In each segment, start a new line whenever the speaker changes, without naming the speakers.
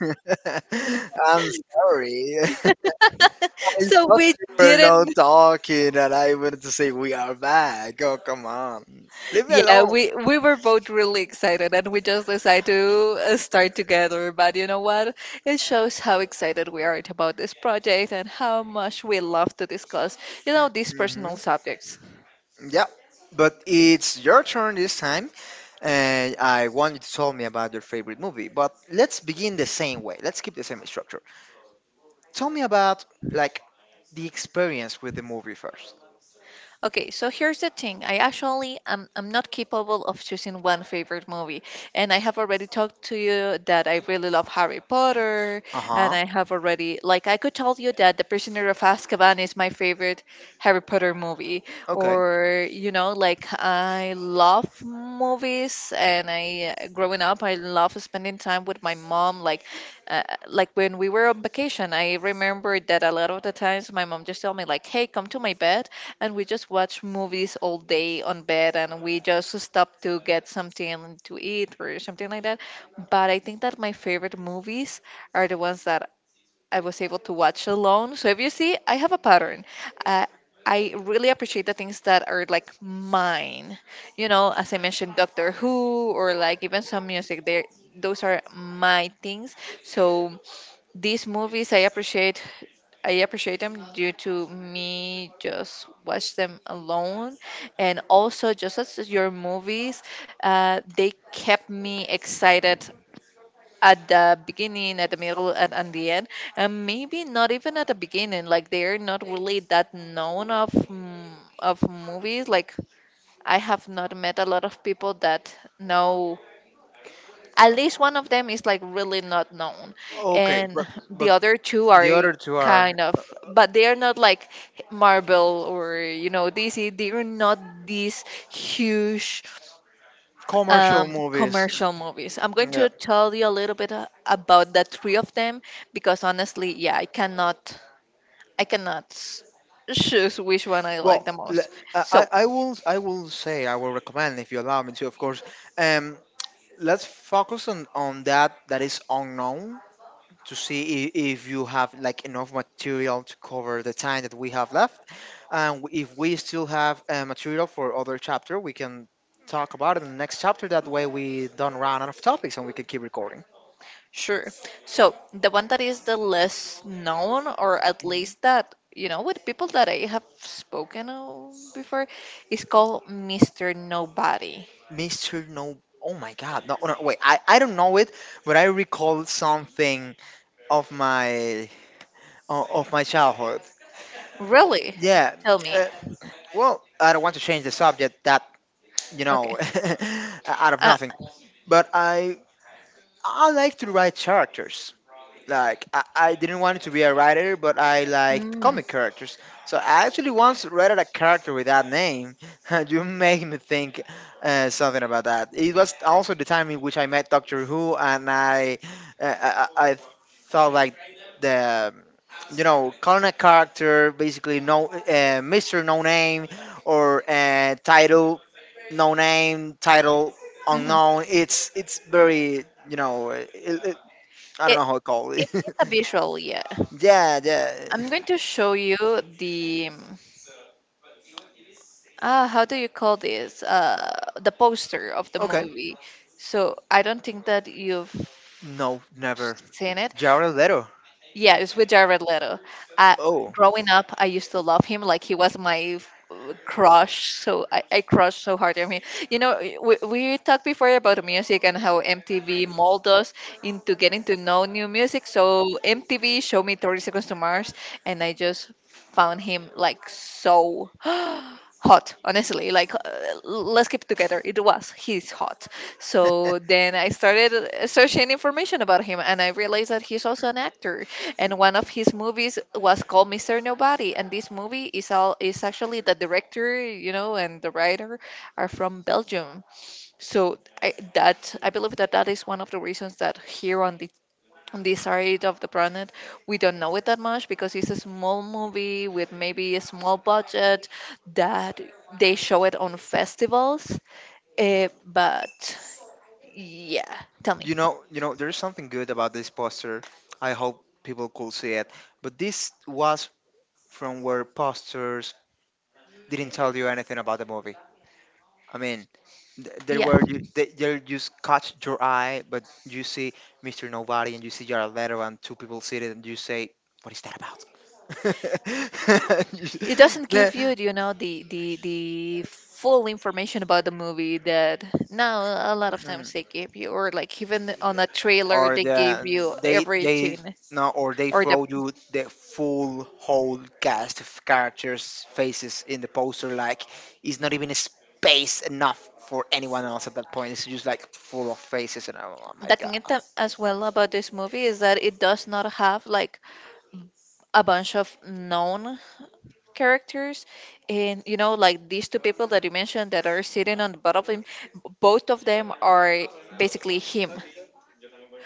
I'm sorry. I
So
thought
we
we were not
didn't.
talking, and I wanted to say we are back. Oh, come on, leave me
Yeah,
alone.
we were both really excited, and we just decided to start together. But you know what? It shows how excited we are about this project and how much we love to discuss these
Hmm.
personal subjects.
Yeah, but it's your turn this time, and I want you to tell me about your favorite movie. But let's begin the same way. Let's keep the same structure. Tell me about like the experience with the movie first.
Okay, so here's the thing. I actually am I'm not capable of choosing one favorite movie. And I have already talked to you that I really love Harry Potter,
Uh
and
huh.
I have already like I could tell you that The Prisoner of Azkaban is my favorite Harry Potter movie.
Okay.
Or you know like I love movies, and I growing up I love spending time with my mom uh, like when we were on vacation I remember that a lot of the times my mom just told me like hey come to my bed, and we just watch movies all day on bed and we just stop to get something to eat or something like that. But I think that my favorite movies are the ones that I was able to watch alone. So if you see, I have a pattern. Uh, I really appreciate the things that are like mine. You know, as I mentioned, Doctor Who or like even some music. There, those are my things. So these movies, I appreciate. I appreciate them due to me just watch them alone, and also just as your movies, they kept me excited at the beginning, at the middle, and at the end, and maybe not even at the beginning. Like they're not really that known of of movies. Like I have not met a lot of people that know. At least one of them is like really not known,
Okay,
and
but
the
but
other two are
the other two are
kind of, but they are not like Marvel or you know DC. They are not these huge
commercial movies.
commercial movies. I'm going
Yeah.
to tell you a little bit about the three of them because honestly, yeah, I cannot s- choose which one I like
Well,
the
l-
most.
I, I
So
I will I will say I will recommend if you allow me to, of course. Um, let's focus on that that is unknown to see if you have like enough material to cover the time that we have left, and if we still have material for other chapter, we can talk about it in the next chapter. That way, we don't run out of topics and we can keep recording.
sure, so the one that is the less known, or at
Mhm.
least that you know, with people that I have spoken before, is called Mister Nobody.
Mr. No. Oh my god. No, no, wait. I don't know it, but I recall something of my of my childhood.
Really?
Yeah.
Tell me.
Uh, well, I don't want to change the subject that you
Okay.
know out of
Uh,
nothing, but I like to write characters. Like, I didn't want to be a writer, but I liked
mm,
comic characters. So I actually once read a character with that name. You make me think something about that. It was also the time in which I met Doctor Who, and I thought like the you know calling a character basically no Mister No Name or title no name title
mhm.
unknown. It's very, I don't
It
know how to call
it's
it.
a visual, yeah.
Yeah, yeah.
I'm going to show you the ah how do you call this the poster of the
Okay.
movie. So I don't think that you've
No, never.
seen it.
Jared Leto.
Yeah, it's with Jared Leto. Uh,
Oh,
Growing up, I used to love him like he was my crush. So I crushed so hard on him. You know, we talked before about music and how MTV molded us into getting to know new music. So MTV showed me 30 Seconds to Mars, and I just found him like so hot honestly like let's keep together it was he's hot. So then I started searching information about him, and I realized that he's also an actor, and one of his movies was called Mr. Nobody. And this movie is all is actually the director, you know, and the writer are from Belgium. So I believe that that is one of the reasons that here on the on this side of the planet we don't know it that much because it's a small movie with maybe a small budget that they show it on festivals. But yeah, tell me.
There's something good about this poster. I hope people could see it. But this was from where posters didn't tell you anything about the movie. I mean, th- there
Yeah.
were you, they just catch your eye, but you see Mr. Nobody and you see Jared Leto and two people see it and you say, "What is that about?" You- s-
It doesn't give you
the-
you know the the full information about the movie that now a lot of
Mm.
times they give you or like even on a trailer
Or
they give
the
you
they they
everything
no, or they
or
throw you the full, whole cast of characters faces in the poster. Like, it's not even space enough for anyone else at that point. It's just like full of faces. And oh, oh my
the
god.
as well about this movie is that it does not have like a bunch of known characters, and you know like these two people that you mentioned that are sitting on the butt of him, both of them are basically him.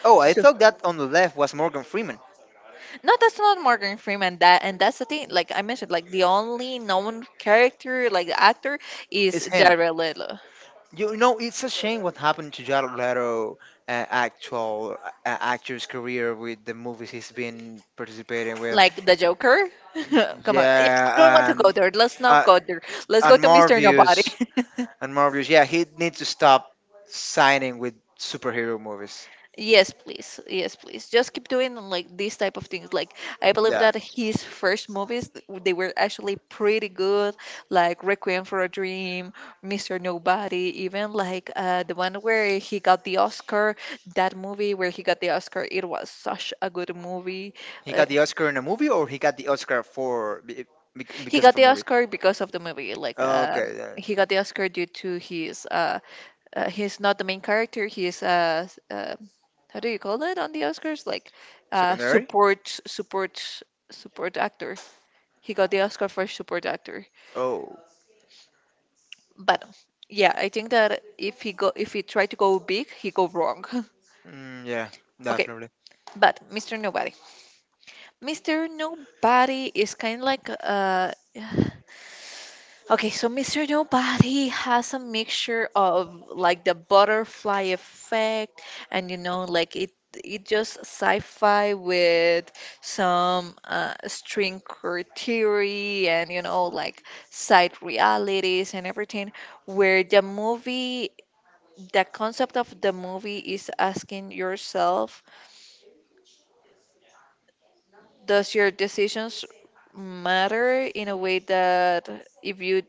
Oh, I
So
thought that on the left was Morgan Freeman.
no, that's not Morgan Freeman. That and that's the thing like I mentioned, like the only known character, like the actor,
It's
is
him.
Jared Leto.
It's a shame what happened to Jared Leto, actual actor's career with the movies he's been participating with.
Like the Joker. Come on, yeah, I don't want
Yeah.
to go
and
there, let's not
uh,
go there, let's go
and
to
more
Mr. Nobody.
views. And Morbius, yeah, he needs to stop signing with superhero movies.
Yes, please. Yes, please. Just keep doing like these type of things. Like I believe
Yeah,
that his first movies they were actually pretty good, like Requiem for a Dream, Mr. Nobody, even like the one where he got the Oscar. That movie where he got the Oscar, it was such a good movie.
he
Uh,
got the Oscar in a movie, or he got the Oscar for
he
because of
got
a
the
movie.
Oscar because of the movie. Like
Okay, yeah.
he got the Oscar due to his he's not the main character. He's how do you call it on the Oscars? Like uh,
Secondary.
support, support, support actor. He got the Oscar for support actor.
Oh,
But yeah, I think that if he go, if he tried to go big, he go wrong.
mm, yeah,
Okay,
definitely.
but Mr. Nobody, Mr. Nobody is kind of like. Okay, so Mr. Nobody has a mixture of like the butterfly effect and you know like it just sci-fi with some string theory and you know like side realities and everything where the movie the concept of the movie is asking yourself does your decisions matter in a way that if you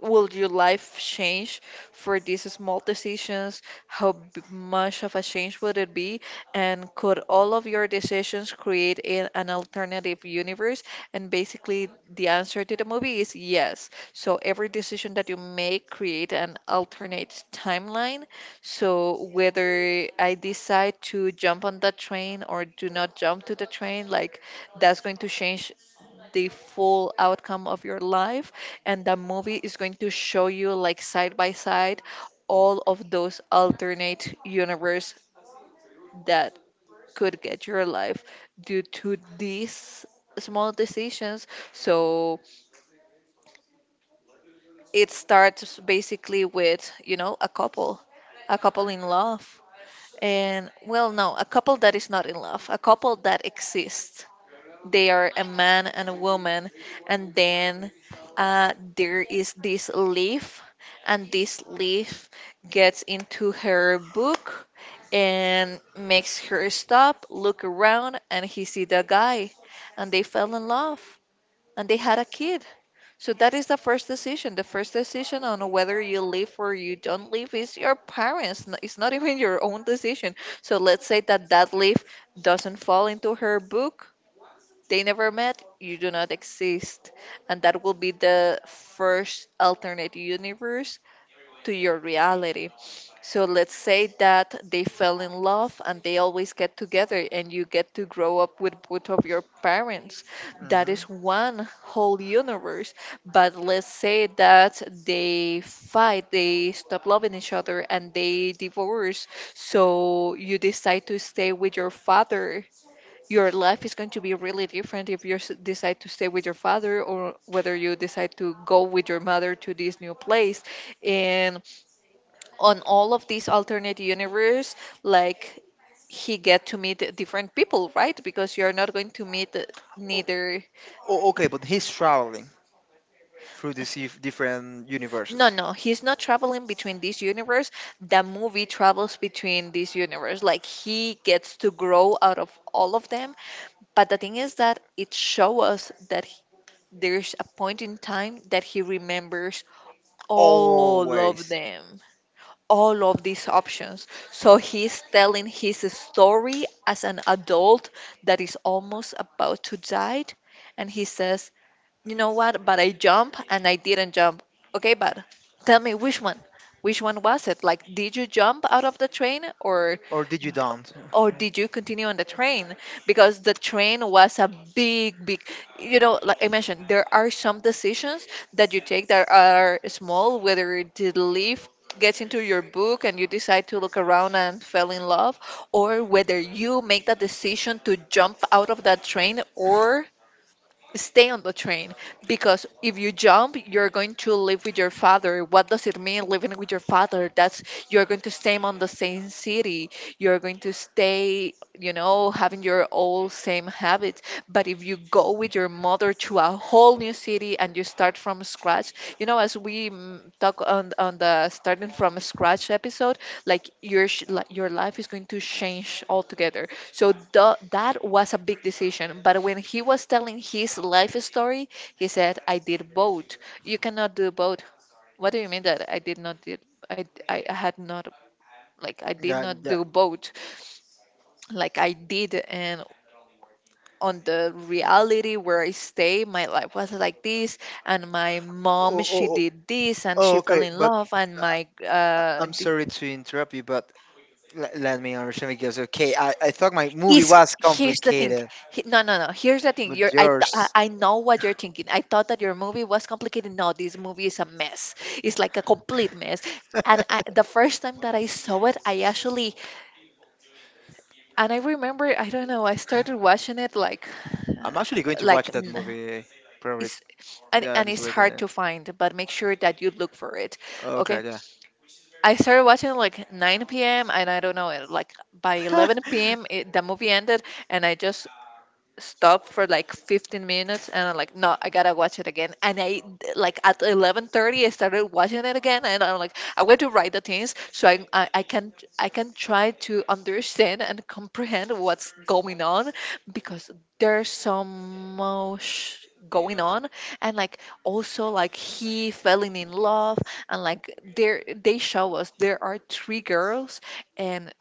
will your life change for these small decisions? How much of a change would it be? And could all of your decisions create an alternative universe? And basically, the answer to the movie is yes. So every decision that you make create an alternate timeline. So whether I decide to jump on that train or do not jump to the train, like that's going to change the full outcome of your life, and the movie is going to show you like side by side all of those alternate universe that could get your life due to these small decisions. So it starts basically with, you know, a couple in love. And well, no, a couple that is not in love, a couple that exists, they are a man and a woman, and then there is this leaf, and this leaf gets into her book and makes her stop look around and he see the guy, and they fell in love, and they had a kid. So that is the first decision, the first decision on whether you live or you don't live is your parents it's not even your own decision. So let's say that that leaf doesn't fall into her book, they never met, you do not exist. And that will be the first alternate universe to your reality. So let's say that they fell in love and they always get together, and you get to grow up with both of your parents. That is
Hmm.
one whole universe. But let's say that they fight, they stop loving each other, and they divorce. So you decide to stay with your father, your life is going to be really different if you decide to stay with your father or whether you decide to go with your mother to this new place, and on all of these alternate universe, like he get to meet different people, right, because you're not going to meet
Oh,
neither.
oh, oh, okay, but he's traveling through these different
No,
universes
no, he's not traveling between this universe, the movie travels between this universe, like he gets to grow out of all of them. But the thing is that it show us that there's a point in time that he remembers all of
always.
them, all of these options. So he's telling his story as an adult that is almost about to die. And he says, you know what? But I jump and I didn't jump. Okay, but tell me which one. Which one was it? Like, did you jump out of the train
Or did you don't?
or did you continue on the train? Because the train was a big, big, you know, like I mentioned, there are some decisions that you take that are small, whether the leaf gets into your book and you decide to look around and fell in love, or whether you make the decision to jump out of that train or stay on the train. Because if you jump you're going to live with your father, what does it mean living with your father, that's you're going to stay on the same city, you're going to stay you know having your old same habits. But if you go with your mother to a whole new city and you start from scratch, you know as we talk on the starting from scratch episode, like your your life is going to change altogether. So that was a big decision. But when he was telling his life story, he said, "I did both. You cannot do both." What do you mean that I did not did I had not, like I did
Yeah,
not
yeah.
do both, like I did. And on the reality where I stay, my life was like this, and my
Oh,
mom
oh,
she
oh,
did this, and
oh,
she fell
okay,
in
but
love, and
uh,
my
I'm sorry to interrupt you, but let me understand because okay, I thought my movie
is
was
here's the thing.
complicated,
No, no, no, here's the thing.
but
you're I, th- I
yours.
I know what you're thinking. I thought that your movie was complicated. No, this movie is a mess. It's like a complete mess. The first time that I saw it, I actually, and I remember, I don't know, I started watching it like, uh,
I'm actually going to watch
like
that
n-
movie probably,
it's and,
yeah,
and
this
it's hard
weekend.
to find, but make sure that you look for it.
Okay,
Okay,
yeah.
I started watching like 9 p.m., and I don't know, like by 11 p.m the movie ended. And I just stop for like 15 minutes, and I'm like, no, I gotta watch it again. And I, like at 11:30, I started watching it again, and I'm like, I want to write the things so I can try to understand and comprehend what's going on, because there's so much going on. And, like, also, like, he falling in love, and like there they show us there are three girls, and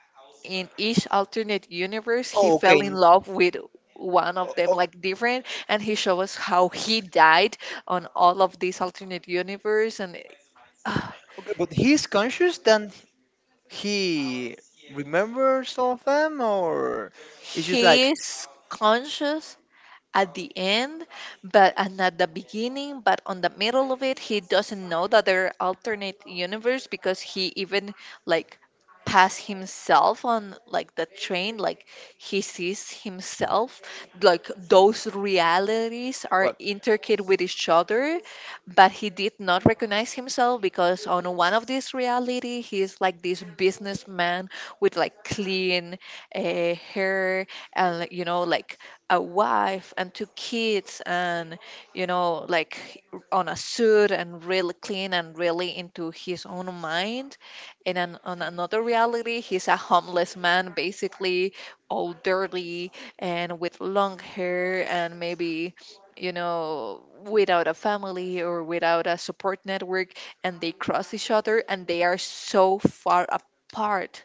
in each alternate universe he
Oh,
fell
okay.
in love with one
O-
of them,
o-
like different. And he showed us how he died on all of these alternate universe. And uh,
Okay, but he's conscious then he remembers all of them, or it's just like
his conscious at the end, but and at the beginning, but on the middle of it, he doesn't know that there are alternate universe, because he even, like, pass himself on, like, the train, like he sees himself. Like those realities are
what?
intricate with each other, but he did not recognize himself because on one of these reality he's like this businessman with, like, clean uh, hair, and, like, you know, like, a wife and two kids, and, you know, like, on a suit, and really clean, and really into his own mind. And on another reality he's a homeless man basically, all dirty, and with long hair, and maybe, you know, without a family or without a support network. And they cross each other, and they are so far apart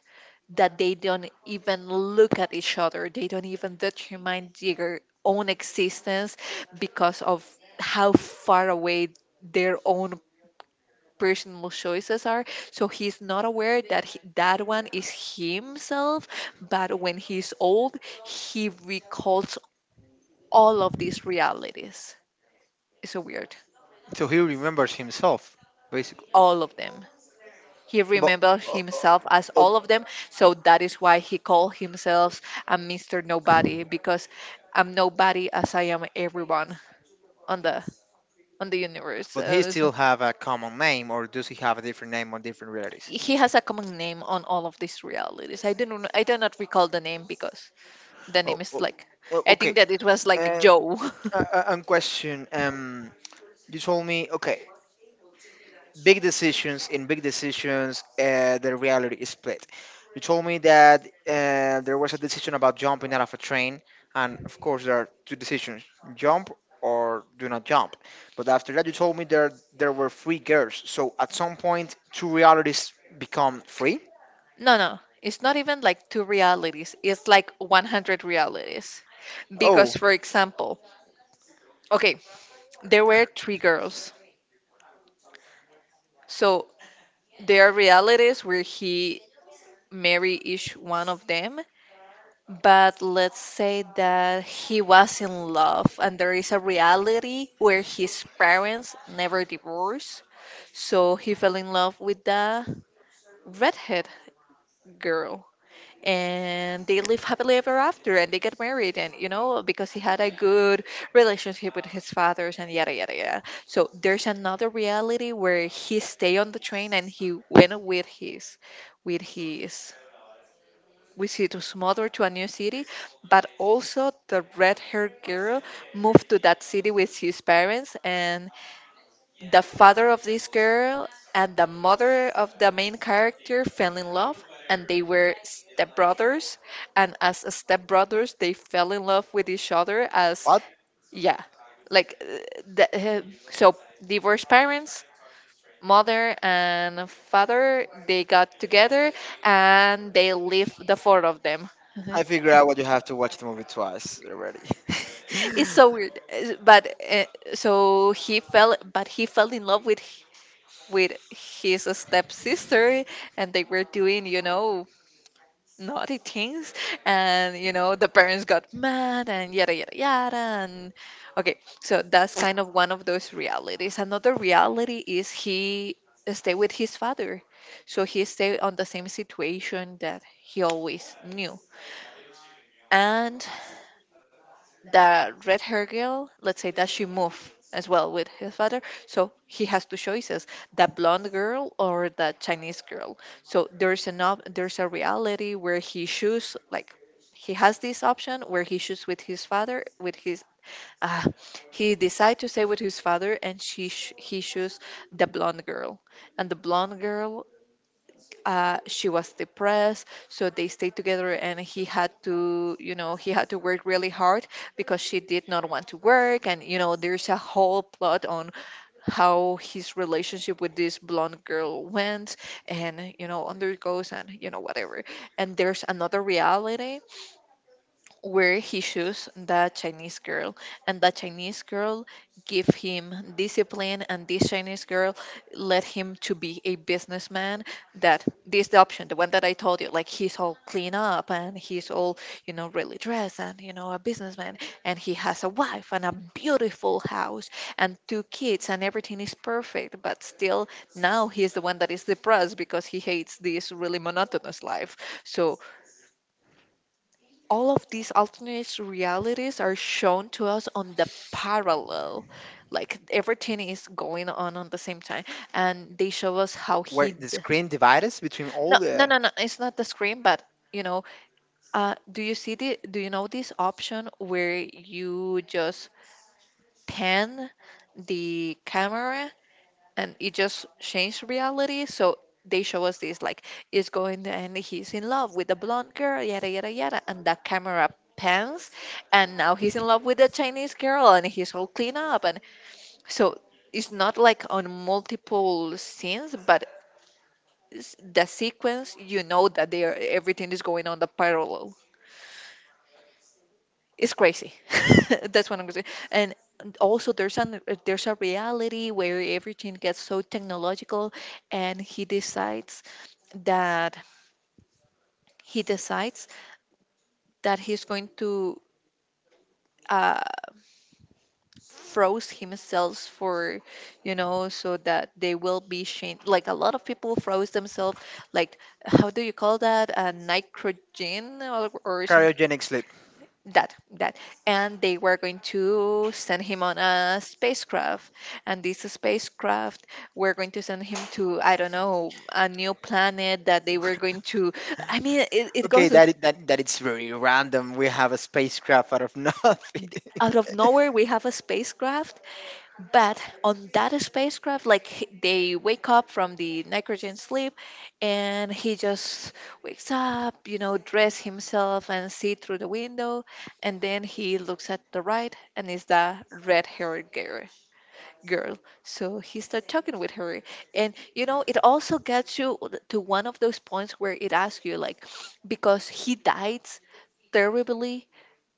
that they don't even look at each other. They don't even determine their own existence because of how far away their own personal choices are. So he's not aware that one is himself, but when he's old, he recalls all of these realities. It's so weird.
So he remembers himself basically.
All of them. He
But
remembered
uh, uh,
himself as
oh,
all of them, so that is why he called himself a Mr. Nobody, because I'm nobody as I am everyone on the universe.
but he
So
still have a common name or does he have a different name or different realities?
he has a common name on all of these realities. I do not recall the name because the
Oh,
name is
oh,
like,
oh,
I think
okay.
that it was like
Um,
Joe.
a question. You told me, okay, big decisions in big decisions, the reality is split. You told me that there was a decision about jumping out of a train, and of course there are two decisions: jump or do not jump. But after that, you told me there were three girls. So at some point, two realities become free.
No, no, it's not even like two realities. It's like 100 realities. Because,
Oh,
for example, okay, there were three girls. So there are realities where he marry each one of them, but let's say that he was in love, and there is a reality where his parents never divorced, so he fell in love with the redhead girl, and they live happily ever after, and they get married, and, you know, because he had a good relationship with his fathers, and yada yada yada. So there's another reality where he stay on the train, and he went with his we see his mother to a new city, but also the red haired girl moved to that city with his parents, and the father of this girl and the mother of the main character fell in love. And they were stepbrothers, and as stepbrothers, they fell in love with each other. As
what?
yeah, like, the, uh, so divorced parents, mother and father, they got together, and they left the four of them.
I figured out what you have to watch the movie twice already.
It's so weird, but, so he fell, but he fell in love with his stepsister, and they were doing naughty things, and the parents got mad, and yada yada yada. And okay, so that's kind of one of those realities. Another reality is he stay with his father, so he stay on the same situation that he always knew. And the red hair girl, let's say that she moved as well with his father. So he has two choices, the blonde girl or the Chinese girl. So there's a reality where he choose, like he has this option where he choose with his father, with his uh, he decide to stay with his father, and he choose the blonde girl. And the blonde girl, she was depressed, so they stayed together, and he had to work really hard, because she did not want to work, and there's a whole plot on how his relationship with this blonde girl went, and undergoes, and whatever. And there's another reality where he chose that Chinese girl, and that Chinese girl give him discipline, and this Chinese girl led him to be a businessman. That this The option, the one that I told you, like he's all clean up, and he's all, really dressed, and, a businessman, and he has a wife, and a beautiful house, and two kids, and everything is perfect. But still, now he's the one that is depressed because he hates this really monotonous life. So all of these alternate realities are shown to us on the parallel, like everything is going on the same time, and they show us how he
Wait, the screen divides between
no,
all
no,
the
no, no, it's not the screen, but, you know do you know this option where you just pan the camera, and it just changed reality. So they show us this, like, is going, and he's in love with the blonde girl, yada yada yada, and the camera pans, and now he's in love with the Chinese girl, and he's all clean up, and so it's not like on multiple scenes, but the sequence, you know, that they are everything is going on the parallel. It's crazy. That's what I'm gonna say. And also there's an there's a reality where everything gets so technological, and that he decides that he's going to uh, froze himself for, so that they will be shamed. Like a lot of people froze themselves, like, how do you call that? A nitrogen or something.
Cryogenic sleep.
That, that. And they were going to send him on a spacecraft. And this spacecraft, we're going to send him to, I don't know, a new planet that they were going to. I mean, it
Okay,
goes
that I- that that it's very random. We have a spacecraft out of nothing.
out of nowhere, we have a spacecraft. But on that spacecraft, like they wake up from the nitrogen sleep, and he just wakes up, you know, dress himself and see through the window. And then he looks at the right, and it's the red haired girl, so he starts talking with her. And, you know, it also gets you to one of those points where it asks you, like, because he died terribly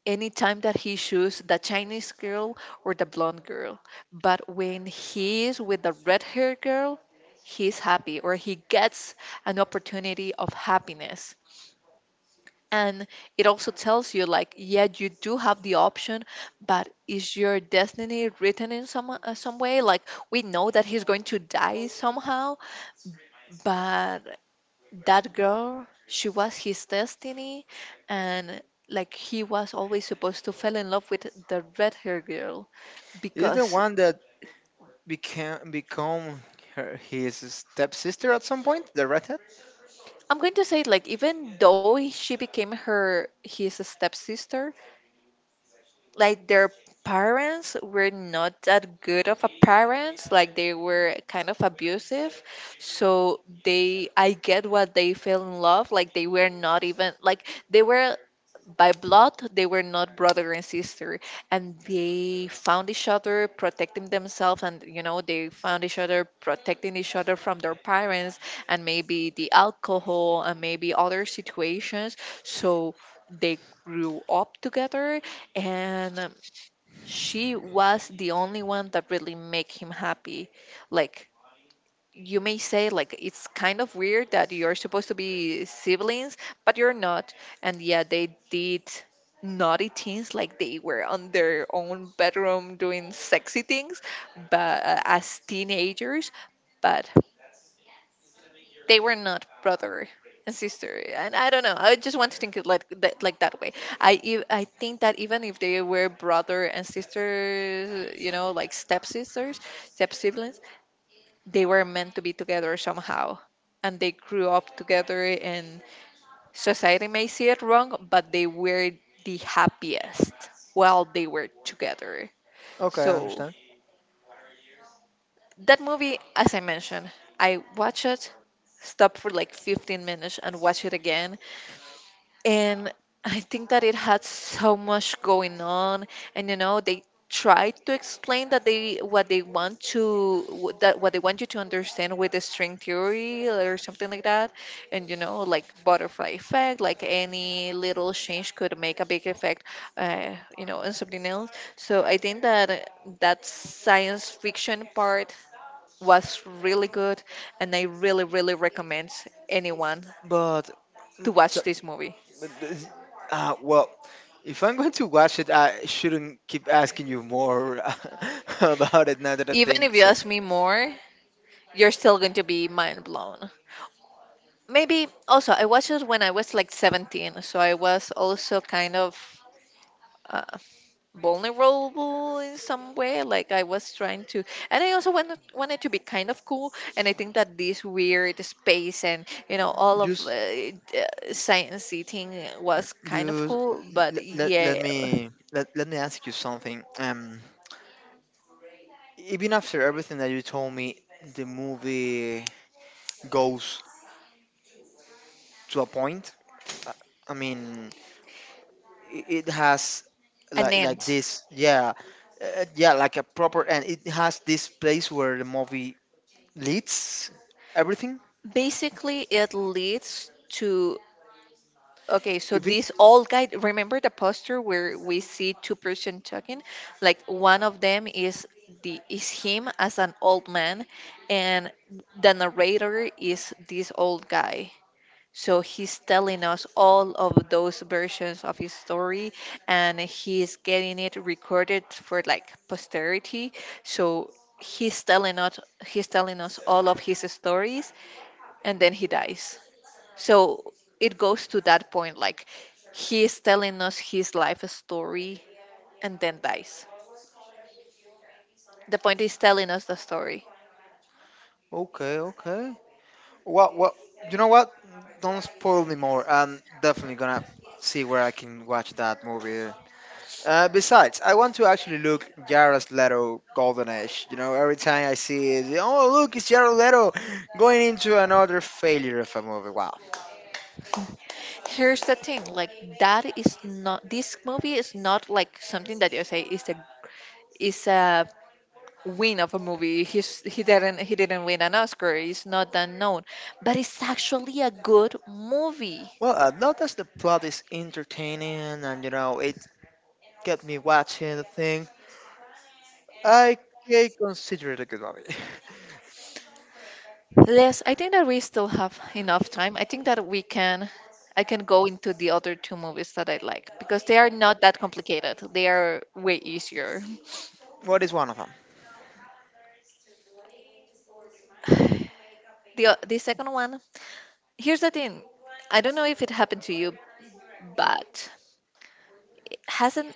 anytime that he chooses the Chinese girl or the blonde girl. But when he is with the red haired girl, he's happy, or he gets an opportunity of happiness. And it also tells you, like, yeah, you do have the option, but is your destiny written in some way? Like, we know that he's going to die somehow, but that girl, she was his destiny, and like he was always supposed to fall in love with the red hair girl
Is the
because
one that became become his stepsister at some point? The redhead.
I'm going to say, like, even though she became her his stepsister, like their parents were not that good of a parents, like they were kind of abusive, so they, I get what they fell in love, like they were not even, like, they were by blood, they were not brother and sister, and they found each other protecting themselves, and you know they found each other protecting each other from their parents and maybe the alcohol and maybe other situations. So they grew up together, and she was the only one that really make him happy. Like, you may say, like, it's kind of weird that you're supposed to be siblings but you're not. And yeah, they did naughty things, like they were on their own bedroom doing sexy things, but as teenagers. But they were not brother and sister, and I don't know, I just want to think it like that, like that way. I think that even if they were brother and sister, you know, like stepsisters, step siblings, they were meant to be together somehow, and they grew up together, and society may see it wrong, but they were the happiest while they were together.
Okay, I
So
understand.
that movie, as I mentioned, I watched it, stopped for like 15 minutes, and watched it again, and I think that it had so much going on, and you know they tried to explain that they what they want to wh- that what they want you to understand with the string theory or something like that, and you know, like butterfly effect, like any little change could make a big effect, you know, and something else. So I think that that science fiction part was really good, and I really really recommend anyone
But,
to
mm, t-
watch this movie.
but th- well, if I'm going to watch it, I shouldn't keep asking you more about it. Now that I
Even
think,
if you
so.
ask me more, you're still going to be mind blown. Maybe also, I watched it when I was like 17, so I was also kind of uh, vulnerable in some way. Like, I was trying to, and I also wanted to be kind of cool. And I think that this weird space and, you know, all of
just
science seating was kind of
just
cool, but
let, let, let
yeah,
me let, let me ask you something. Even after everything that you told me, the movie goes to a point. I I mean, it has
an
like
end.
this, yeah, yeah, like a proper end. It has this place where the movie leads everything.
Basically, it leads to— Okay, so
If it,
this all guide, remember the posture where we see two-person talking? Like, one of them is the is him as an old man, and the narrator is this old guy. So he's telling us all of those versions of his story, and he's getting it recorded for like posterity. So he's telling us he's telling us all of his stories, and then he dies. So it goes to that point, like, he is telling us his life story and then dies. The point is telling us the story.
Okay, okay. Well, you know what? Don't spoil me more. I'm definitely gonna see where I can watch that movie. Besides, I want to actually look Jared Leto Golden Age. Every time I see it, oh look, it's Jared Leto going into another failure of a movie. Wow.
Here's the thing, like, that is not this movie is not like something that you say is a— is a win of a movie. He didn't— he didn't win an Oscar. It's not that known, but it's actually a good movie.
Well, not as the plot is entertaining and it kept me watching the thing, I I consider it a good movie.
Yes, I think that we still have enough time. I think that we can— I can go into the other two movies that I like, because they are not that complicated. They are way easier.
What is one of them?
The second one, here's the thing. I don't know if it happened to you, but it hasn't—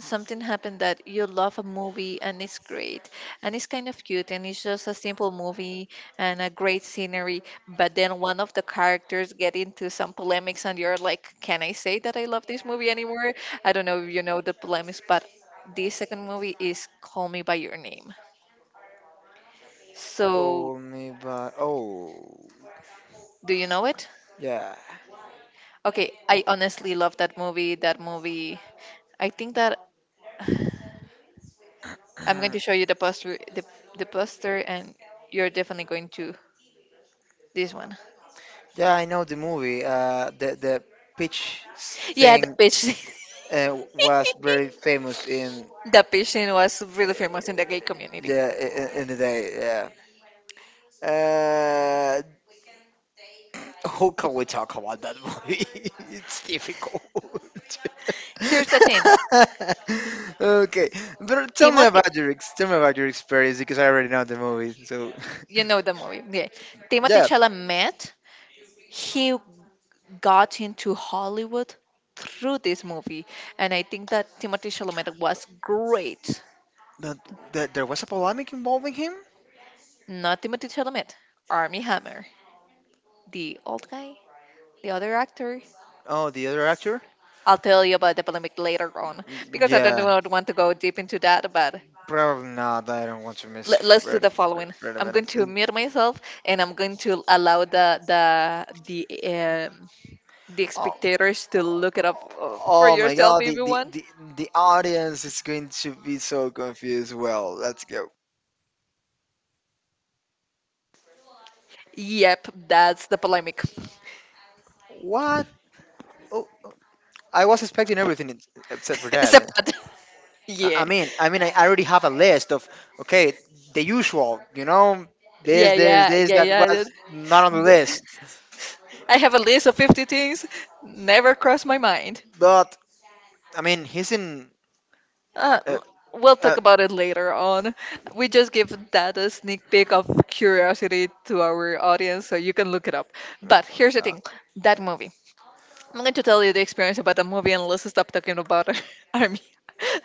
something happened that you love a movie, and it's great, and it's kind of cute, and it's just a simple movie and a great scenery, but then one of the characters get into some polemics, and you're like, can I say that I love this movie anymore? I don't know if you know the polemics, but this second movie is Call Me by Your Name. So,
Call me by. Oh,
do you know it?
yeah,
Okay, I honestly love that movie. That movie, I think that— I'm going to show you the poster, the poster, and you're definitely going to— this one.
yeah. I know the movie. The pitch
Yeah, the
thing
pigeon.
was very famous in.
The pigeon was really famous in the gay community.
Yeah, in the day, yeah. Uh, how can we talk about that movie? It's difficult.
Here's the thing.
Okay, but
Timothy,
tell me about your experience because I already know the movie. So,
you know the movie. Yeah. Timothy
yeah,
Chalamet, he got into Hollywood through this movie. And I think that Timothy Chalamet was great.
but there was a polemic involving him.
Not Timothy Chalamet, Army Hammer, the old guy, the other actor.
Oh, the other actor.
I'll tell you about the polemic later on,
Mm,
because I don't
yeah,
want want to go deep into that, but
probably not. I don't want to miss
let's do
Fred.
the following.
Fred.
I'm going to
Fred.
mute myself, and I'm going to allow the
Oh.
spectators to look it up, for
Oh my
yourself
god,
if
the,
you
the,
want.
the, the audience is going to be so confused. Well, let's go.
Yep, that's the polemic.
What? Oh, I was expecting everything except for
It's a
that.
pod.
I,
Yeah,
I mean, I mean, I already have a list of, okay, the usual, this,
yeah,
this,
yeah,
this,
yeah,
that
yeah.
was not on the list.
I have a list of 50 things, never crossed my mind.
But, I mean, he's in.
Uh,
Uh,
l- we'll talk
uh,
about it later on. We just give that a sneak peek of curiosity to our audience so you can look it up.
oh my
But here's
fucking
the
god.
thing, that movie. I'm going to tell you the experience about the movie, and let's stop talking about— Army,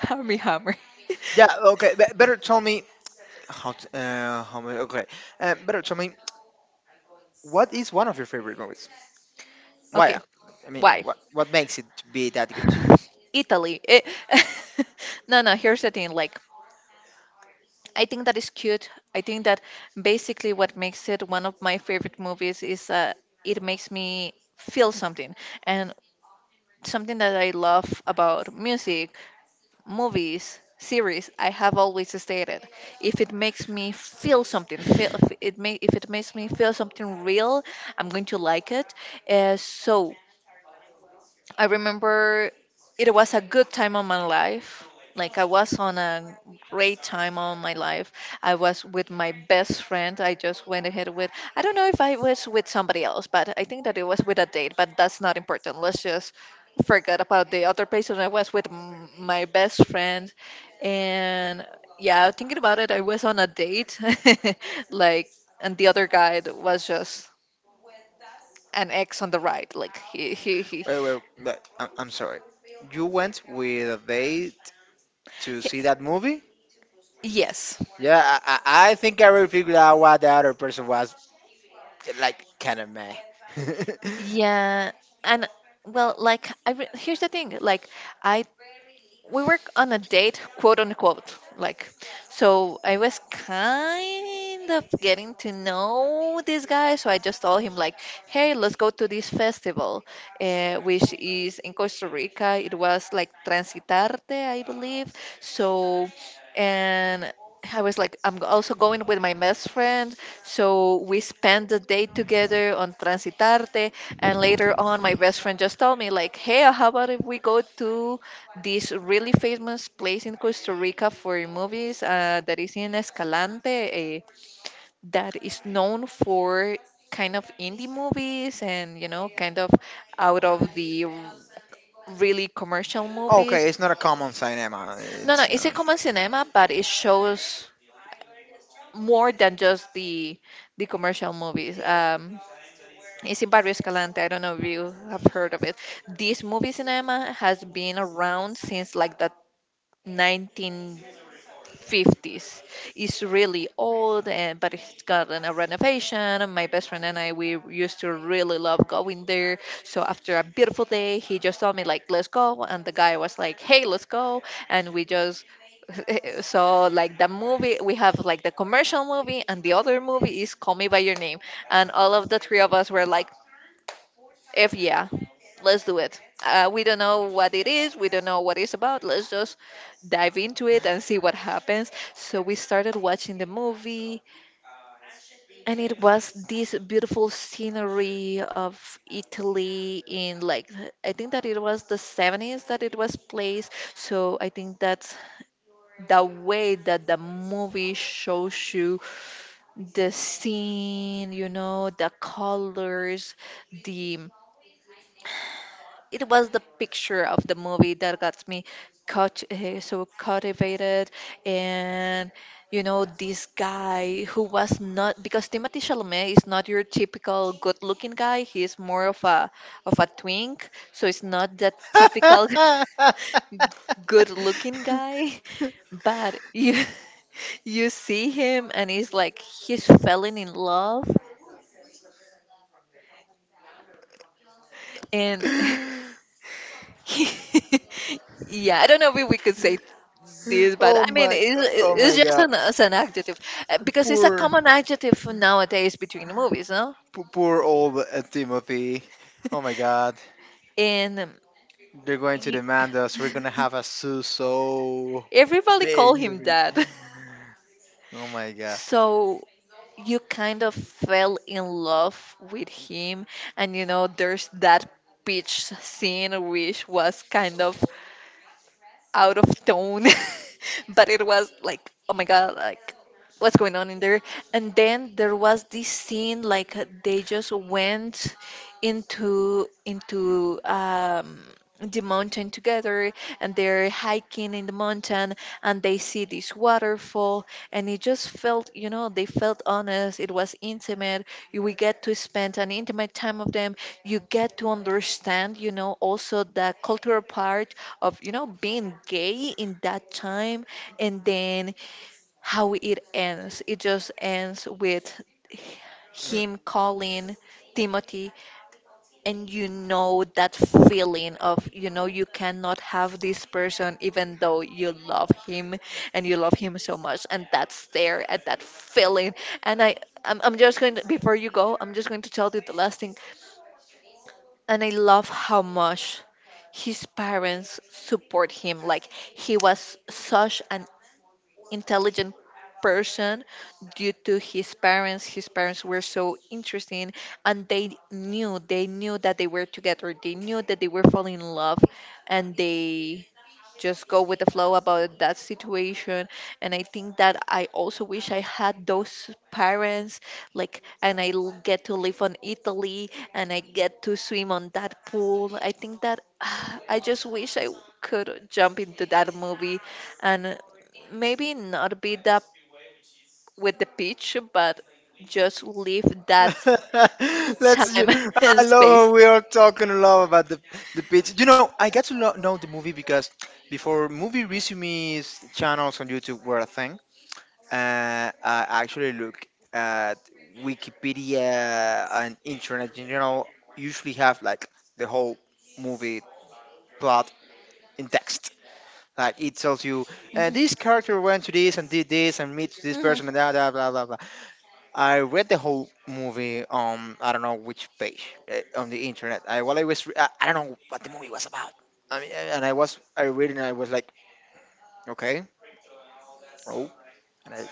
Army Hammer.
Yeah, okay, better tell me. How many? Okay, better tell me, what is one of your favorite movies? Why?
Okay,
I mean,
why?
what makes it to be that good to you?
Italy. It, no, no, here's the thing. Like, I think that is cute. I think that basically what makes it one of my favorite movies is, it makes me feel something. And something that I love about music, movies, series, I have always stated, if it makes me feel something, feel if it may, if it makes me feel something real, I'm going to like it. So I remember it was a good time of my life. Like, I was on a great time of my life. I was with my best friend. I just went ahead with— I don't know if I was with somebody else, but I think that it was with a date, but that's not important. Let's just forget about the other person. I was with my best friend, and yeah, thinking about it, I was on a date. Like, and the other guy was just an ex on the right. Like,
Wait, wait, wait, I'm sorry. You went with a date to
he—
see that movie?
yes.
Yeah, I think I already figured out why the other person was like kind of meh.
Yeah, and well, like, here's the thing, like, I we were on a date, quote unquote. Like, so I was kind of getting to know this guy. So I just told him, like, hey, let's go to this festival, which is in Costa Rica. It was like Transitarte, I believe. So, and I was like, I'm also going with my best friend. So we spent the day together on Transitarte. And later on, my best friend just told me, like, hey, how about if we go to this really famous place in Costa Rica for movies, that is in Escalante, that is known for kind of indie movies, and, you know, kind of out of the really commercial movies.
Okay, it's not a common cinema.
No, no,
It's
it's a
not.
common cinema, but it shows more than just the commercial movies. It's in Barrio Escalante. I don't know if you have heard of it. This movie cinema has been around since like the 1950s. It's really old, and but it's got a renovation. And my best friend and I, we used to really love going there. So after a beautiful day, he just told me like, "Let's go," and the guy was like, "Hey, let's go," and we just— so, like, the movie— we have like the commercial movie, and the other movie is Call Me by Your Name, and all of the three of us were like, if— yeah, let's do it. We don't know what it is. We don't know what it's about. Let's just dive into it and see what happens. So we started watching the movie, and it was this beautiful scenery of Italy in like— I think that it was the 70s that it was placed. So I think that's the way that the movie shows you the scene, you know, the colors, the— it was the picture of the movie that got me caught, so cultivated, and, you know, this guy who was not— because Timothy Chalamet is not your typical good-looking guy, he's more of a— of a twink, so it's not that typical good-looking guy, but you— you see him and he's like— he's falling in love, and yeah, I don't know if we could say this, but
oh
I mean,
my, oh my
it's just
God,
an— as an adjective, because it's a
poor,
common adjective nowadays between movies, no?
poor, poor old Timothy. Oh my God.
And
They're going to
y-
demand us. We're gonna have a sue so
everybody call
big.
him that.
Oh my god.
So, you kind of fell in love with him, and, you know, there's that beach scene which was kind of out of tone, but it was like, oh my god, like, what's going on in there? And then there was this scene like they just went into the mountain together, and they're hiking in the mountain, and they see this waterfall, and it just felt, you know, they felt honest, it was intimate. You— we get to spend an intimate time of them. You get to understand, you know, also the cultural part of, you know, being gay in that time. And then how it ends, it just ends with him calling Timothy, and, you know, that feeling of, you know, you cannot have this person even though you love him, and you love him so much, and that's there at that feeling. And I'm just going to, before you go, I'm just going to tell you the last thing. And I love how much his parents support him. Like, he was such an intelligent person due to his parents. His parents were so interesting, and they knew that they were together. They knew that they were falling in love, and they just go with the flow about that situation. And I think that I also wish I had those parents. Like, and get to live on Italy and I get to swim on that pool. I think that I just wish I could jump into that movie and maybe not beat up with the pitch, but just leave that time and
I love
space.
how we are talking a lot about the pitch. I got to know the movie because before movie resumes channels on YouTube were a thing. I actually look at Wikipedia and internet in general. Usually have like the whole movie plot in text. Like it tells you,
Mhm.
this character went to this and did this and meets this
Mhm.
person and blah blah blah blah blah. I read the whole movie on I don't know which page on the internet. I while I was re- I don't know what the movie was about. I mean, and I was I reading, and I was like, okay, oh, and I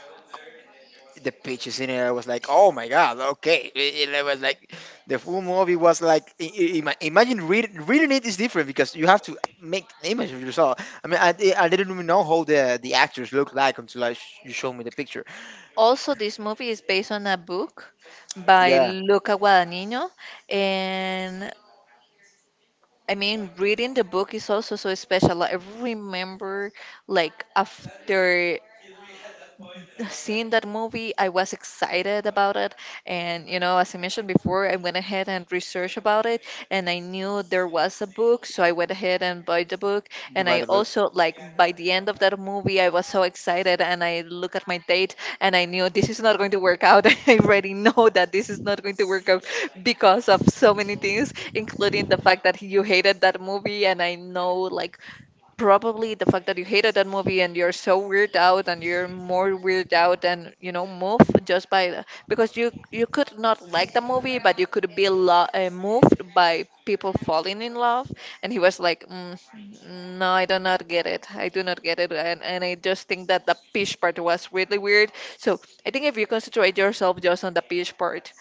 the pitches in it. I was like, oh my god, okay. It was like the full movie was like imagine reading it is different because you have to make an image of yourself. I mean, I didn't even know how the actors look like until you showed me the picture.
Also, this movie is based on a book by
Yeah,
Luca Guadagnino, and I mean, reading the book is also so special. Like, I remember, like, after seen that movie. I was excited about it. And as I mentioned before, I went ahead and researched about it. And I knew there was a book. So I went ahead and bought the book.
you
And
buy
I
the book.
also, like, by the end of that movie, I was so excited. And I look at my date and I knew this is not going to work out. I already know that this is not going to work out because of so many things, including the fact that you hated that movie. And I know, like, probably the fact that you hated that movie and you're so weird out and you're more weird out and move just by the, because you could not like the movie but you could be moved by people falling in love. And he was like mm, no, I do not get it. I do not get it. And I just think that the peach part was really weird. So I think if you concentrate yourself just on the peach part,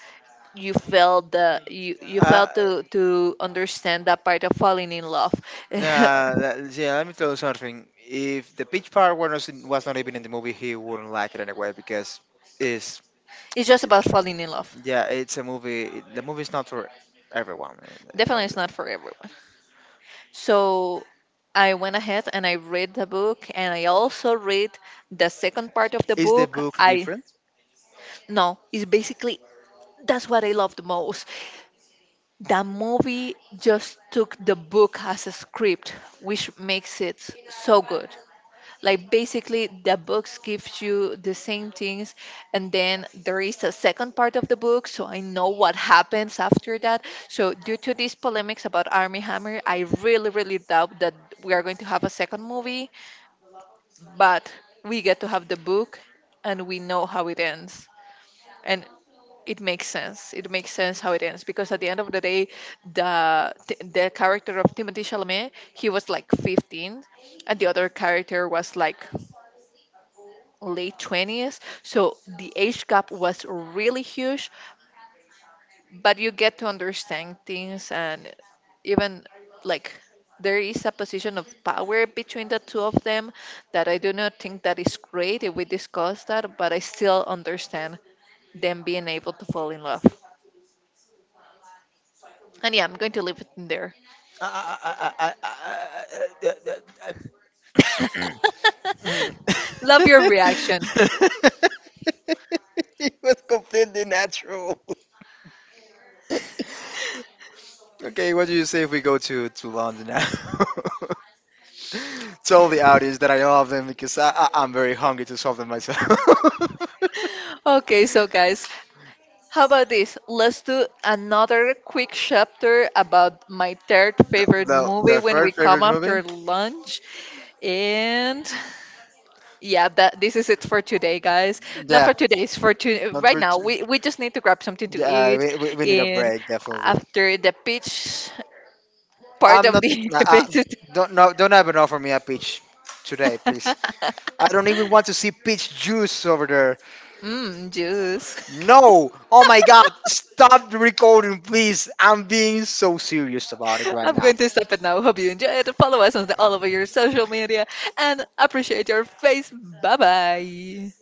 you felt the you, you
Uh,
felt to understand that part of falling in love.
nah, yeah, let me tell you something. If the pitch part was not even in the movie, he wouldn't like it anyway because it's
It's just
it,
about falling in love.
yeah, it's a movie. The movie's not for everyone. You know.
Definitely, it's not for everyone. So I went ahead and I read the book, and I also read the second part of the
Is the
book.
book
I
different?
No, it's basically that's what I love the most. The movie just took the book as a script, which makes it so good. Like, basically the books gives you the same things, and then there is a second part of the book, so I know what happens after that. So due to these polemics about Army Hammer, I really really doubt that we are going to have a second movie, but we get to have the book and we know how it ends. And it makes sense, it makes sense how it ends, because at the end of the day the character of Timothy Chalamet, he was like 15, and the other character was like late 20s. So the age gap was really huge, but you get to understand things. And even, like, there is a position of power between the two of them that I do not think that is great if we discuss that, but I still understand them being able to fall in love. And yeah, I'm going to leave it in there.
I, I, I, I, I, I, I, I-
Love your reaction.
it was completely natural. Okay, what do you say if we go to, London now? Tell the audience that I love them because I'm very hungry to solve them myself.
Okay, so guys, how about this? Let's do another quick chapter about my third
the,
favorite
the,
movie
the
when we
third
come
favorite movie?
after lunch. And yeah, that this is it for today, guys. Not
Yeah,
for today's for to
not
right
for
now.
two.
We just need to grab something to
Yeah,
eat.
we need a
And
break, definitely.
after the pitch part
I'm
of
not.
the
Uh,
episode,
don't, no, don't ever offer me a pitch today, please. I don't even want to see peach juice over there.
mm, juice.
No! Oh my god, stop the recording, please. I'm being so serious about it right
I'm
now.
going to stop it now. Hope you enjoy it. Follow us on the, all over your social media and appreciate your face. Bye bye.